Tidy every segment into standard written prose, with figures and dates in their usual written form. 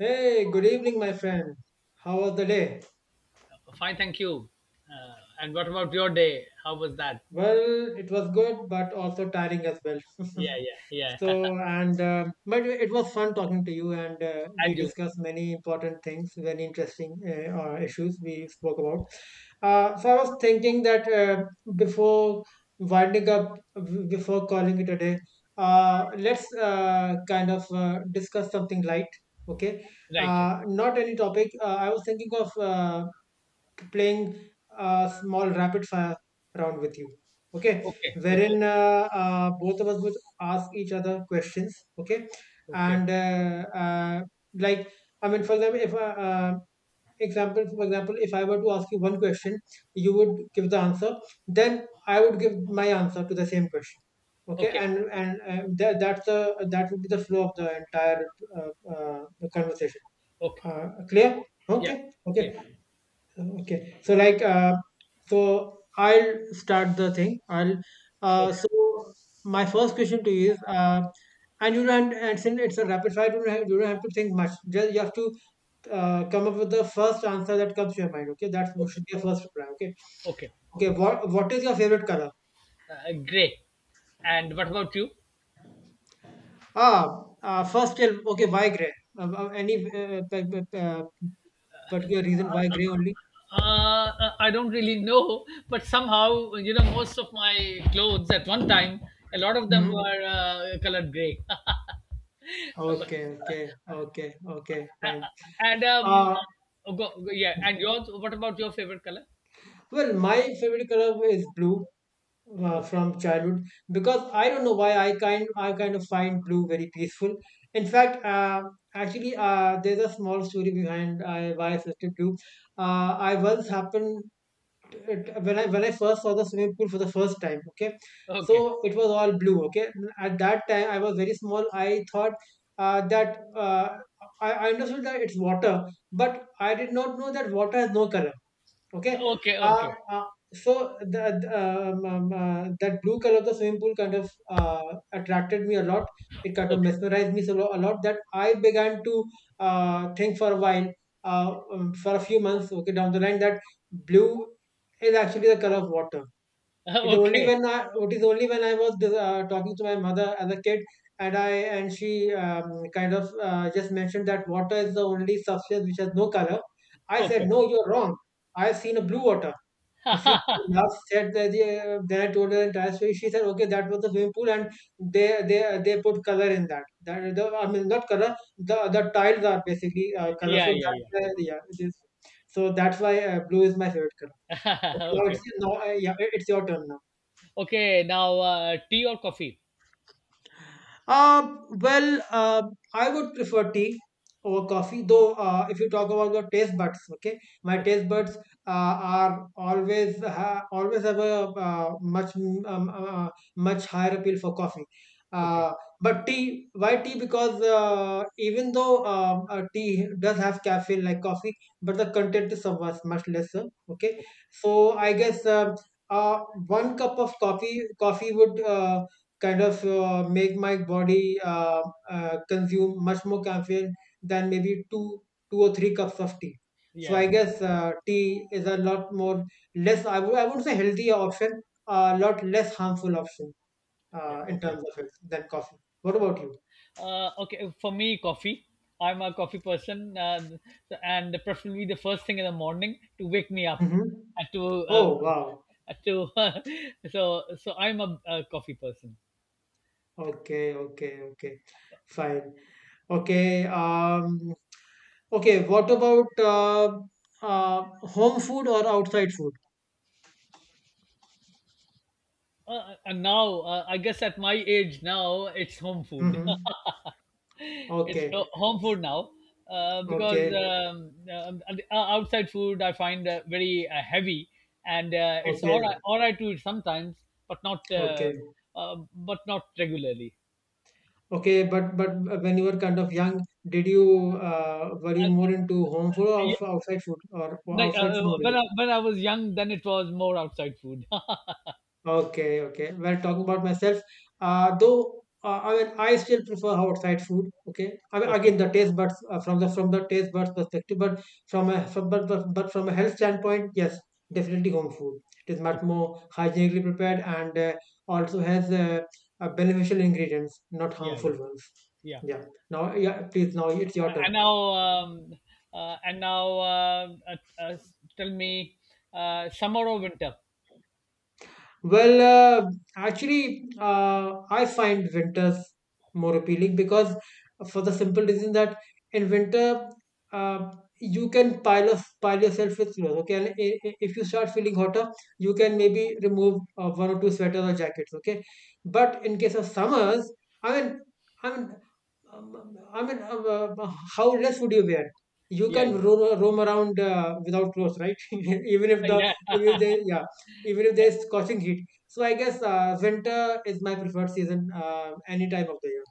Hey, good evening, my friend. How was the day? Fine, thank you. Uh, and what about your day? How was that? Well, it was good, but also tiring as well. Yeah, yeah, yeah. So, and but it was fun talking to you, and And we you. discussed many important things, very interesting issues we spoke about. I was thinking that before winding up, before calling it a day, let's kind of discuss something light, okay? Right? Right. Not any topic. I was thinking of. Playing a small rapid fire round with you. Okay, Okay, okay, wherein both of us would ask each other questions. Okay, okay, and like I mean, for example, if example for example, if I were to ask you one question, you would give the answer. Then I would give my answer to the same question. Okay, okay, and that would be the flow of the entire uh, uh, conversation. okay. Clear? Yeah, Okay. clear. Okay. Okay. So I'll start the thing. I'll Okay, so my first question to you is and you don't and since it's a rapid fire, you don't have to think much. Just you have to come up with the first answer that comes to your mind. Okay, that okay, should be your first reply. Okay, okay. okay. What is your favorite color? Great. And what about you? Ah, first tell. Okay, why gray? Any particular reason why gray only? I don't really know, but somehow you know most of my clothes at one time, a lot of them Hmm. were colored gray. But- Okay, okay, okay, okay. Fine. and Uh. oh, yeah. And yours? What about your favorite color? Well, my favorite color is blue, Okay. from childhood, because I don't know why I kind of find blue very peaceful. In fact, actually, there's a small story behind why I selected blue. I once happened when I first saw the swimming pool for the first time. Okay, Okay. so it was all blue. Okay, at that time I was very small. I thought uh, that uh, I understood that it's water, but I did not know that water has no color, okay. Okay, uh, okay, uh, that blue color of the swimming pool kind of attracted me a lot. It kind of okay, mesmerized me so a lot that I began to think for a while, for a few months, okay, down the line, that blue is actually the color of water. Okay, It is only when I was talking to my mother as a kid, and I and she kind of just mentioned that water is the only substance which has no color. I said, okay. "No, you're wrong. I've seen a blue water." And she laughed, said that. Then I told her the entire story. She said, "Okay, that was the swimming pool, and they put color in that. I mean, not color. The tiles are basically Yeah, colorful. yeah, That's yeah. why- yeah, it is. So that's why blue is my favorite color." Okay, now Okay, it's now yeah, it's your turn now. okay. Now, tea or coffee? Uh, well, uh, I would prefer tea over coffee, though, if you talk about the taste buds, okay, my Okay, taste buds are always always have a much higher appeal for coffee. okay, Uh, but tea, why tea? Because even though tea does have caffeine like coffee, but the content is so much, much lesser. Okay, okay. so I guess uh, one cup of coffee would kind of make my body consume much more caffeine than maybe two or three cups of tea. So Yeah, I yeah, guess tea is a lot more less. I wouldn't say healthier option, a lot less harmful option, yeah. In Okay. terms of health, than coffee. What Okay. about you? Okay, for me, coffee. I'm a coffee person, and preferably the first thing in the morning to wake me up. Mm-hmm. And to uh, Oh, wow. to so I'm a coffee person. Okay, okay, okay. Fine. Okay. Okay. What about uh, home food or outside food? And now, I guess at my age now, it's home food. Mm-hmm. It's ho- Okay. home food now, because Okay. Outside food I find very heavy, and it's Okay, all right to eat sometimes, but not, okay, but not regularly. okay. But when you were kind of young, did you were you Uh, more into home food or yeah, outside food, or like, outside food when only? When I was young, then it was more outside food. Okay, okay. Well, talking about myself, though I mean, I still prefer outside food. Okay, I mean, Okay, again, the taste buds, from the taste buds perspective, but from a from, but from a health standpoint, yes, definitely home food. It is much okay, more hygienically prepared and also has beneficial ingredients, not yeah, yeah, harmful ones. yeah. Yeah. Now, yeah, please, now it's your turn. And now, Mhm. um, and now, uh, tell me, summer or winter? Well, uh, actually, I find winters more appealing because, for the simple reason that, in winter, uh, you can pile yourself with clothes. Okay, and if you start feeling hotter, you can maybe remove one or two sweaters or jackets. Okay, but in case of summers, I mean, I mean, I mean, how less would you wear? You Yeah, can roam around without clothes, right? even if the, yeah, even if yeah. they, yeah, even if there's scorching heat. So I guess winter is my preferred season, any time of the year.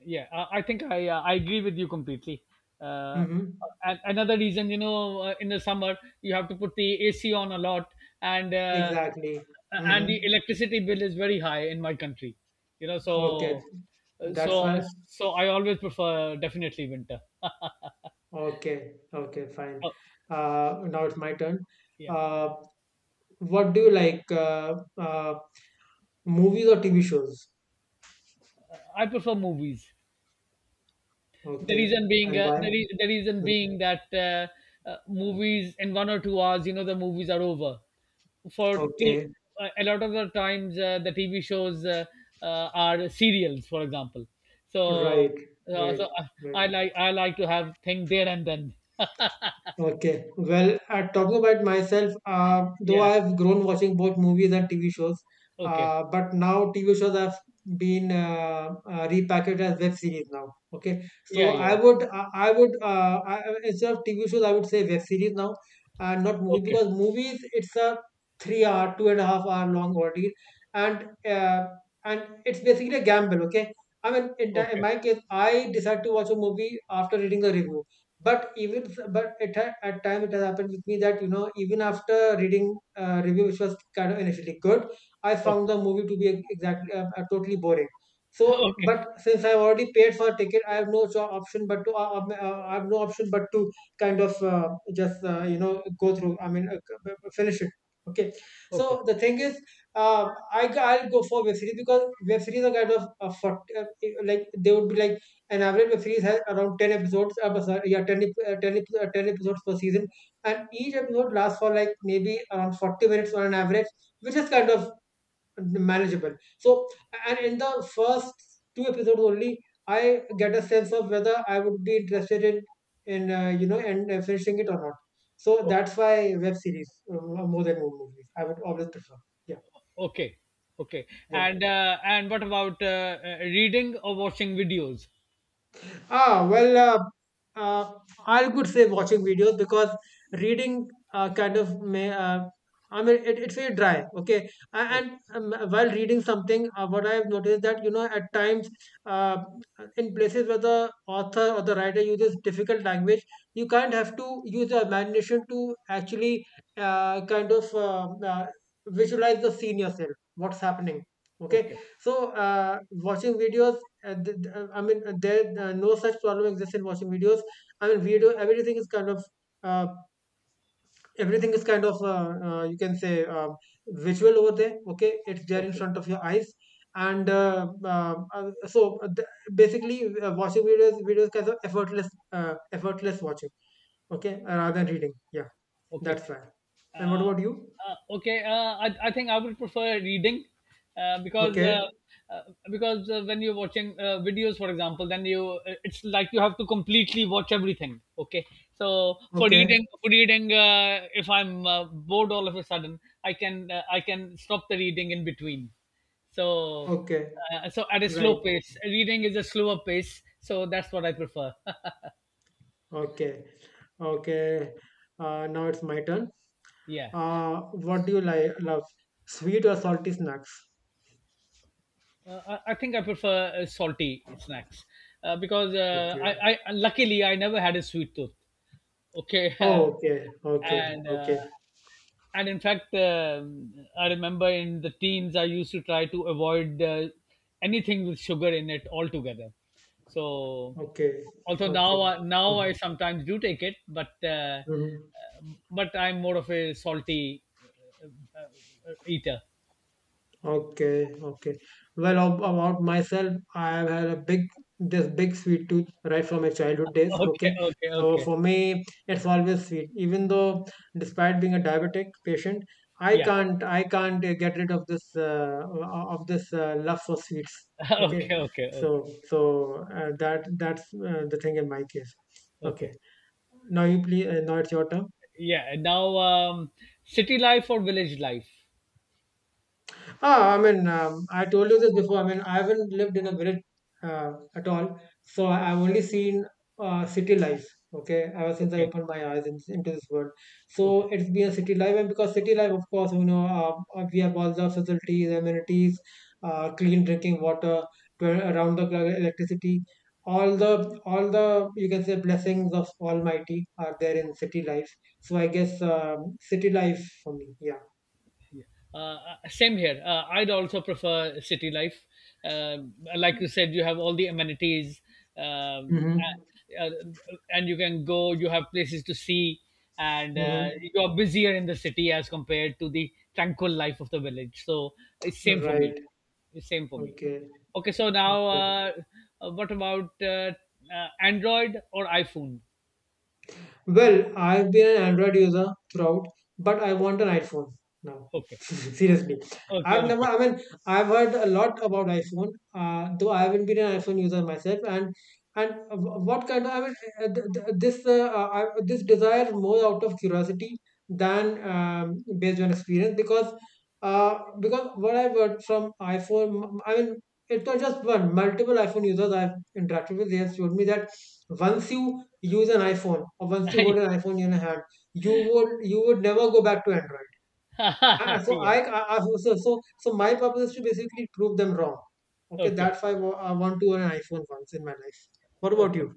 Yeah, I think I agree with you completely. uh, Hmm. and another reason, you know, in the summer you have to put the AC on a lot, and uh, Exactly. And Hmm. the electricity bill is very high in my country, you know. Okay, So uh, that's so why. so I always prefer definitely winter. Okay, okay, fine. uh, Now it's my turn. yeah, Uh, what do you like? Movies or TV shows? I prefer movies. The Okay, reason being, and why? The reason Mhm. being that, movies in 1 or 2 hours, you know, the movies are over. For t- Okay, a lot of the times, the TV shows, are serials, for example. So, right, right, so right. I like to have thing there and then. Okay. Well, talking about myself, though Yeah. I've grown watching both movies and TV shows, Okay. But now TV shows have been repackaged as web series now. Okay, so Yeah. Yeah. I would, I would, I- instead of TV shows, I would say web series now, and not movie, Okay. because movies it's a three hour, two and a half hour long ordeal, and uh, and it's basically a gamble. Okay, I mean, in Okay. my case, I decide to watch a movie after reading the reviews, but at time it has happened with me that you know, even after reading review which was kind of initially good, I found Okay. the movie to be exactly totally boring. So, Okay. but since I've already paid for a ticket, I have no option but to I have no option but to kind of just you know, go through, I mean, finish it, okay. Okay. So the thing is, I'll go for web series because web series are kind of like they would be like an average web series has around 10 episodes, sorry, yeah, 10, ep- 10, ep- 10 episodes per season, and each episode lasts for like maybe around 40 minutes on an average, which is kind of manageable. So, and in the first two episodes only, I get a sense of whether I would be interested in, you know, and finishing it or not. So Okay. that's why web series, more than movies, I would always prefer. Yeah, Okay. Okay. yeah. And, and what about, reading or watching videos? Ah, well, uh, uh, I could say watching videos because reading kind of may. I mean, it's very dry, okay. And Okay. While reading something, what I have noticed that you know, at times, uh, in places where the author or the writer uses difficult language, you can't, have to use your imagination to actually uh, kind of uh, uh, visualize the scene yourself, what's happening, okay. Okay. So watching videos, I mean, there no such problem exists in watching videos. I mean, video, everything is kind of uh, everything is kind of you can say visual over there. Okay, it's there in Okay. front of your eyes, and basically, watching videos kind of effortless, effortless watching. Okay, rather Okay. than reading. Yeah, Okay. that's why. And what Uh, about you? Okay. I think I would prefer reading, because, Okay, uh, because, when you're watching, videos, for example, then you it's like you have to completely watch everything. Okay. So okay, for reading, if I'm bored all of a sudden, I can stop the reading in between. So, okay, so at a right, slow pace, reading is a slower pace. So that's what I prefer. okay, okay. Now it's my turn. Yeah. What do you like, love? Sweet or salty snacks? I think I prefer, salty snacks, because, Okay. I luckily I never had a sweet tooth. Okay. Oh, okay, okay, and uh, okay, and in fact, I remember in the teens I used to try to avoid, anything with sugar in it altogether. So okay, although okay. Now Hmm. I sometimes do take it, but, Hmm. uh, but I'm more of a salty, eater. Okay, okay. Well, about myself, I have had this big sweet tooth right from my childhood days. Okay, Okay. okay, So okay. for me, it's always sweet. Even though, despite being a diabetic patient, Yeah. I can't get rid of this love for sweets. Okay. Okay, okay, okay, So, so that, that's the thing in my case. Okay. okay. Now you please, now it's your turn. Yeah, now, city life or village life? I mean, I told you this before. I mean, I haven't lived in a village at all, so I've only seen city life. Okay, ever since I Okay, opened my eyes into this world, okay. so it's been a city life, and because city life, of course, we have all the facilities, amenities, clean drinking water, around the clock electricity, all the you can say blessings of Almighty are there in city life. So I guess city life for me, yeah. Same here. I'd also prefer city life. Like you said, you have all the amenities, um, Hmm. uh, and you can go. You have places to see, and, Mm-hmm. you are busier in the city as compared to the tranquil life of the village. So it's same for me. Right. It's same for me. Okay. Okay, so now, Okay. What about, Android or iPhone? Well, I've been an Android user throughout, but I want an iPhone now. Okay. Okay. Seriously, Okay, I've never. okay. I mean, I've heard a lot about iPhone, though I haven't been an iPhone user myself. And wh- what kind of I mean, this desire more out of curiosity than based on experience because what I've heard from iPhone, I mean, it's not just one. Multiple iPhone users I've interacted with, they have told me that once you use an iPhone, or once you hold an iPhone in your hand, you would never go back to Android. Ah, so Yeah. I, I I- so, so so my purpose is to basically prove them wrong. Okay, Okay. that's why I want to own an iPhone once in my life. What about Okay. you?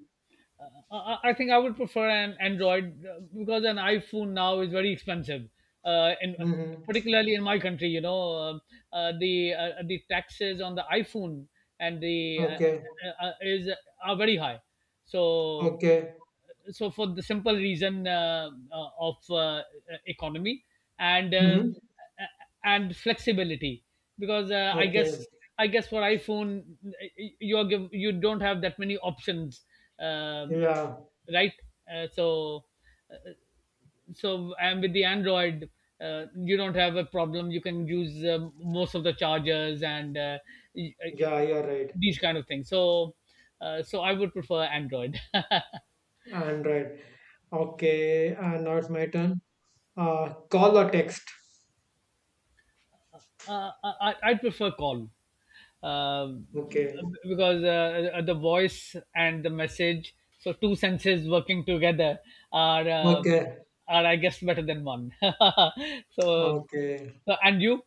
I think I would prefer an Android, because an iPhone now is very expensive. And Mm-hmm. particularly in my country, you know, the, the taxes on the iPhone, and the Okay. Is are very high. So, Okay. For the simple reason, of, economy, and, Mm-hmm. uh, and flexibility, because, Okay. I guess for iPhone you don't have that many options, um, Yeah. right? So so, and with the Android, you don't have a problem. You can use, most of the chargers and, y- uh, Yeah. You're right. these kind of things. So, so I would prefer Android. Android. Okay. And now it's my turn. Call or text. I prefer call, um, Okay. because, the voice and the message, so two senses working together, are, Okay. are I guess better than one. So, Okay. so and you?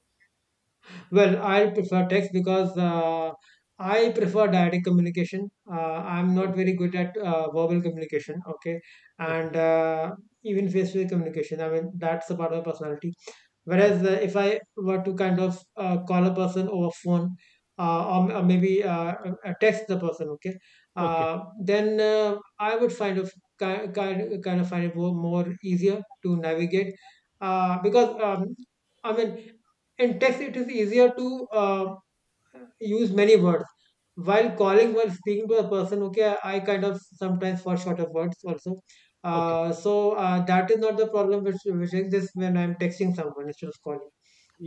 Well, I prefer text because I prefer direct communication. I'm not Okay, very good at verbal communication, okay, okay, and even face-to-face communication. I mean, that's a part of my personality. okay, Whereas if I were to kind of call a person over phone or maybe text the person, okay, okay, then I would find of kind kind kind of find it more easier to navigate because I mean in text it is easier to use many words while calling while speaking to a person, okay, I kind of sometimes fall short of words also. okay. So that is not the problem which exists when I'm texting someone instead of calling.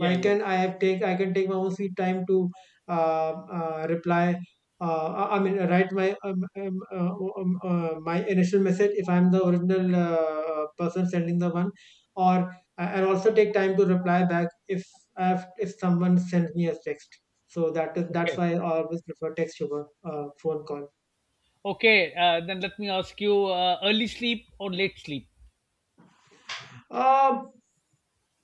yeah. I can take my own sweet time to uh, reply. I mean, write my my initial message if I'm the original person sending the one, or and also take time to reply back if if someone sends me a text. So that's Okay, why I always prefer text over phone call. okay. Then let me ask you: early sleep or late sleep? Uh,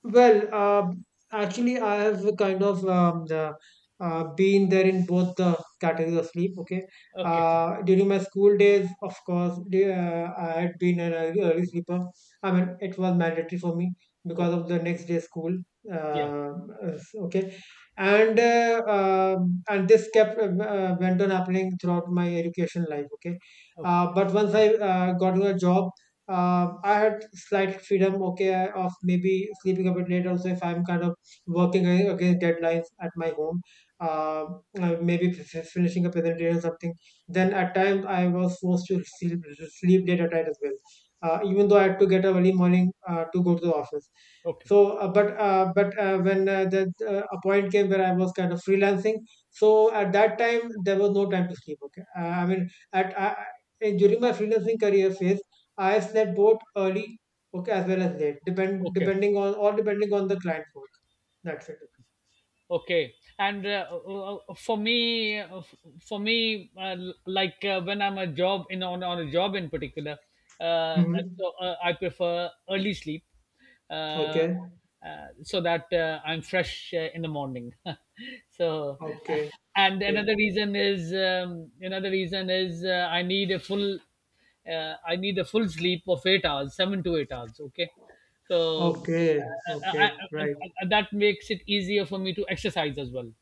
Well, actually, I have kind of been there in both the categories of sleep. Okay, Okay, during my school days, of course, I had been an early sleeper. I mean, it was mandatory for me because okay. of the next day school. Yeah. Uh, okay, and this kept went on happening throughout my education life. Okay, Okay. But once I got into a job. I had slight freedom, okay, of maybe sleeping a bit late also if I'm kind of working against deadlines at my home, maybe finishing a presentation or something. Then at times I was forced to sleep late at night as well, even though I had to get up early morning to go to the office. Okay. So, but when the a point came where I was kind of freelancing, so at that time there was no time to sleep. Okay, I mean at I, I- during my freelancing career phase. I've slept both early, okay, as well as late, Okay. depending on or depending on the client work. That's it. Okay, and, for me, for me uh, like, when I'm a job in on a job in particular, uh, Mm-hmm. I prefer early sleep, uh, uh, Okay. so that, I'm fresh, in the morning. So, uh, Okay. and Okay. another reason is um, another reason is, I need a full, I need a full sleep of 8 hours, 7 to 8 hours. Okay, so, Okay. Okay. Right. That makes it easier for me to exercise as well.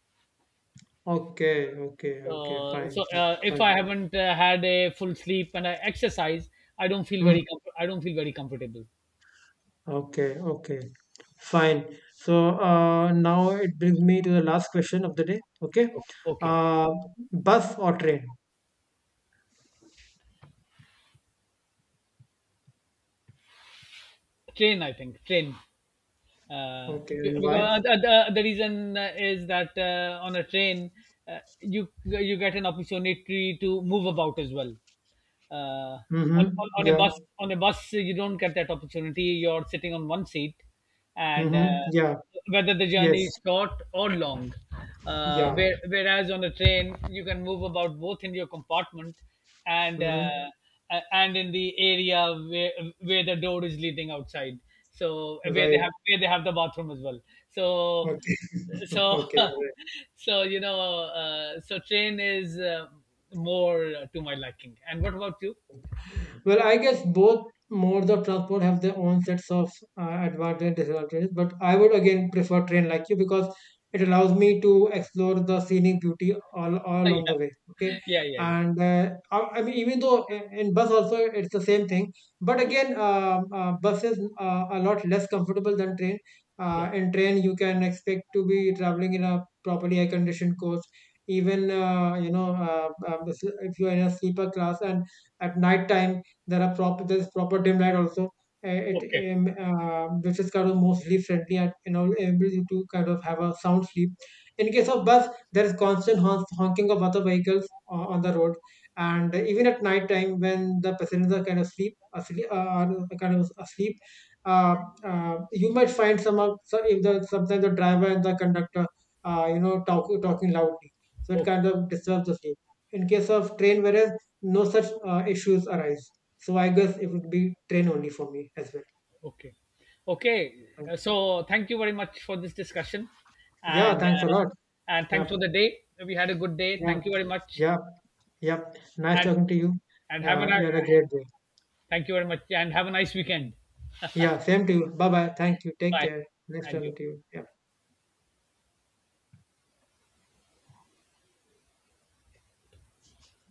Okay. Okay. Okay. Fine. So, Fine. If I Fine. haven't, had a full sleep and I exercise, Mhm. I don't feel very comfortable. Okay. Okay. Fine. So now it brings me to the last question of the day. Okay. O- Okay, Uh, bus or train? train. I think train. Uh, Okay. And why? because, the reason, is that, on a train, you get an opportunity to move about as well. Uh, Mm-hmm. on a Yeah. bus, you don't get that opportunity. You're sitting on one seat, and, Mm-hmm. Yeah. whether the journey is Yes. short or long. Yeah. Whereas on a train, you can move about both in your compartment, and, Mm-hmm. And in the area where the door is leading outside. So Right. Where they have the bathroom as well. So, Okay. so Okay. so you know, so train is, more, to my liking. And what about you? Well, I guess both modes of transport have their own sets of advantages and disadvantages, but I would again prefer train like you because it allows me to explore the scenic beauty all along the Yeah, way. Okay, yeah, yeah, yeah, and I mean even though in bus also it's the same thing, but yeah, again, bus is a lot less comfortable than train. yeah. In train, you can expect to be traveling in a properly air conditioned coach. Even if you're in a sleeper class and at night time there's proper dim light also. Uh, It Okay, um, uh, which is kind of more sleep friendly and you know able you to kind of have a sound sleep. In case of bus, there is constant honking of other vehicles on the road, and even at night time when the passengers are kind of asleep, kind of asleep, uh, you might find some of so if the sometimes the driver and the conductor, you know, talking loudly, so it okay, kind of disturbs the sleep. In case of train, whereas no such issues arise. So I guess it would be train only for me as well. okay, okay. And So thank you very much for this discussion, yeah, and, thanks a lot. and Yeah, thanks for the day. We had a good day. yeah, Thank you very much. yeah, yeah. Nice And talking to you. Have a nice — You had a great day. thank you very much, and have a nice weekend. Yeah, same to you. Bye bye. Thank you. Take Bye. care. Nice And talking you. to you. Yeah.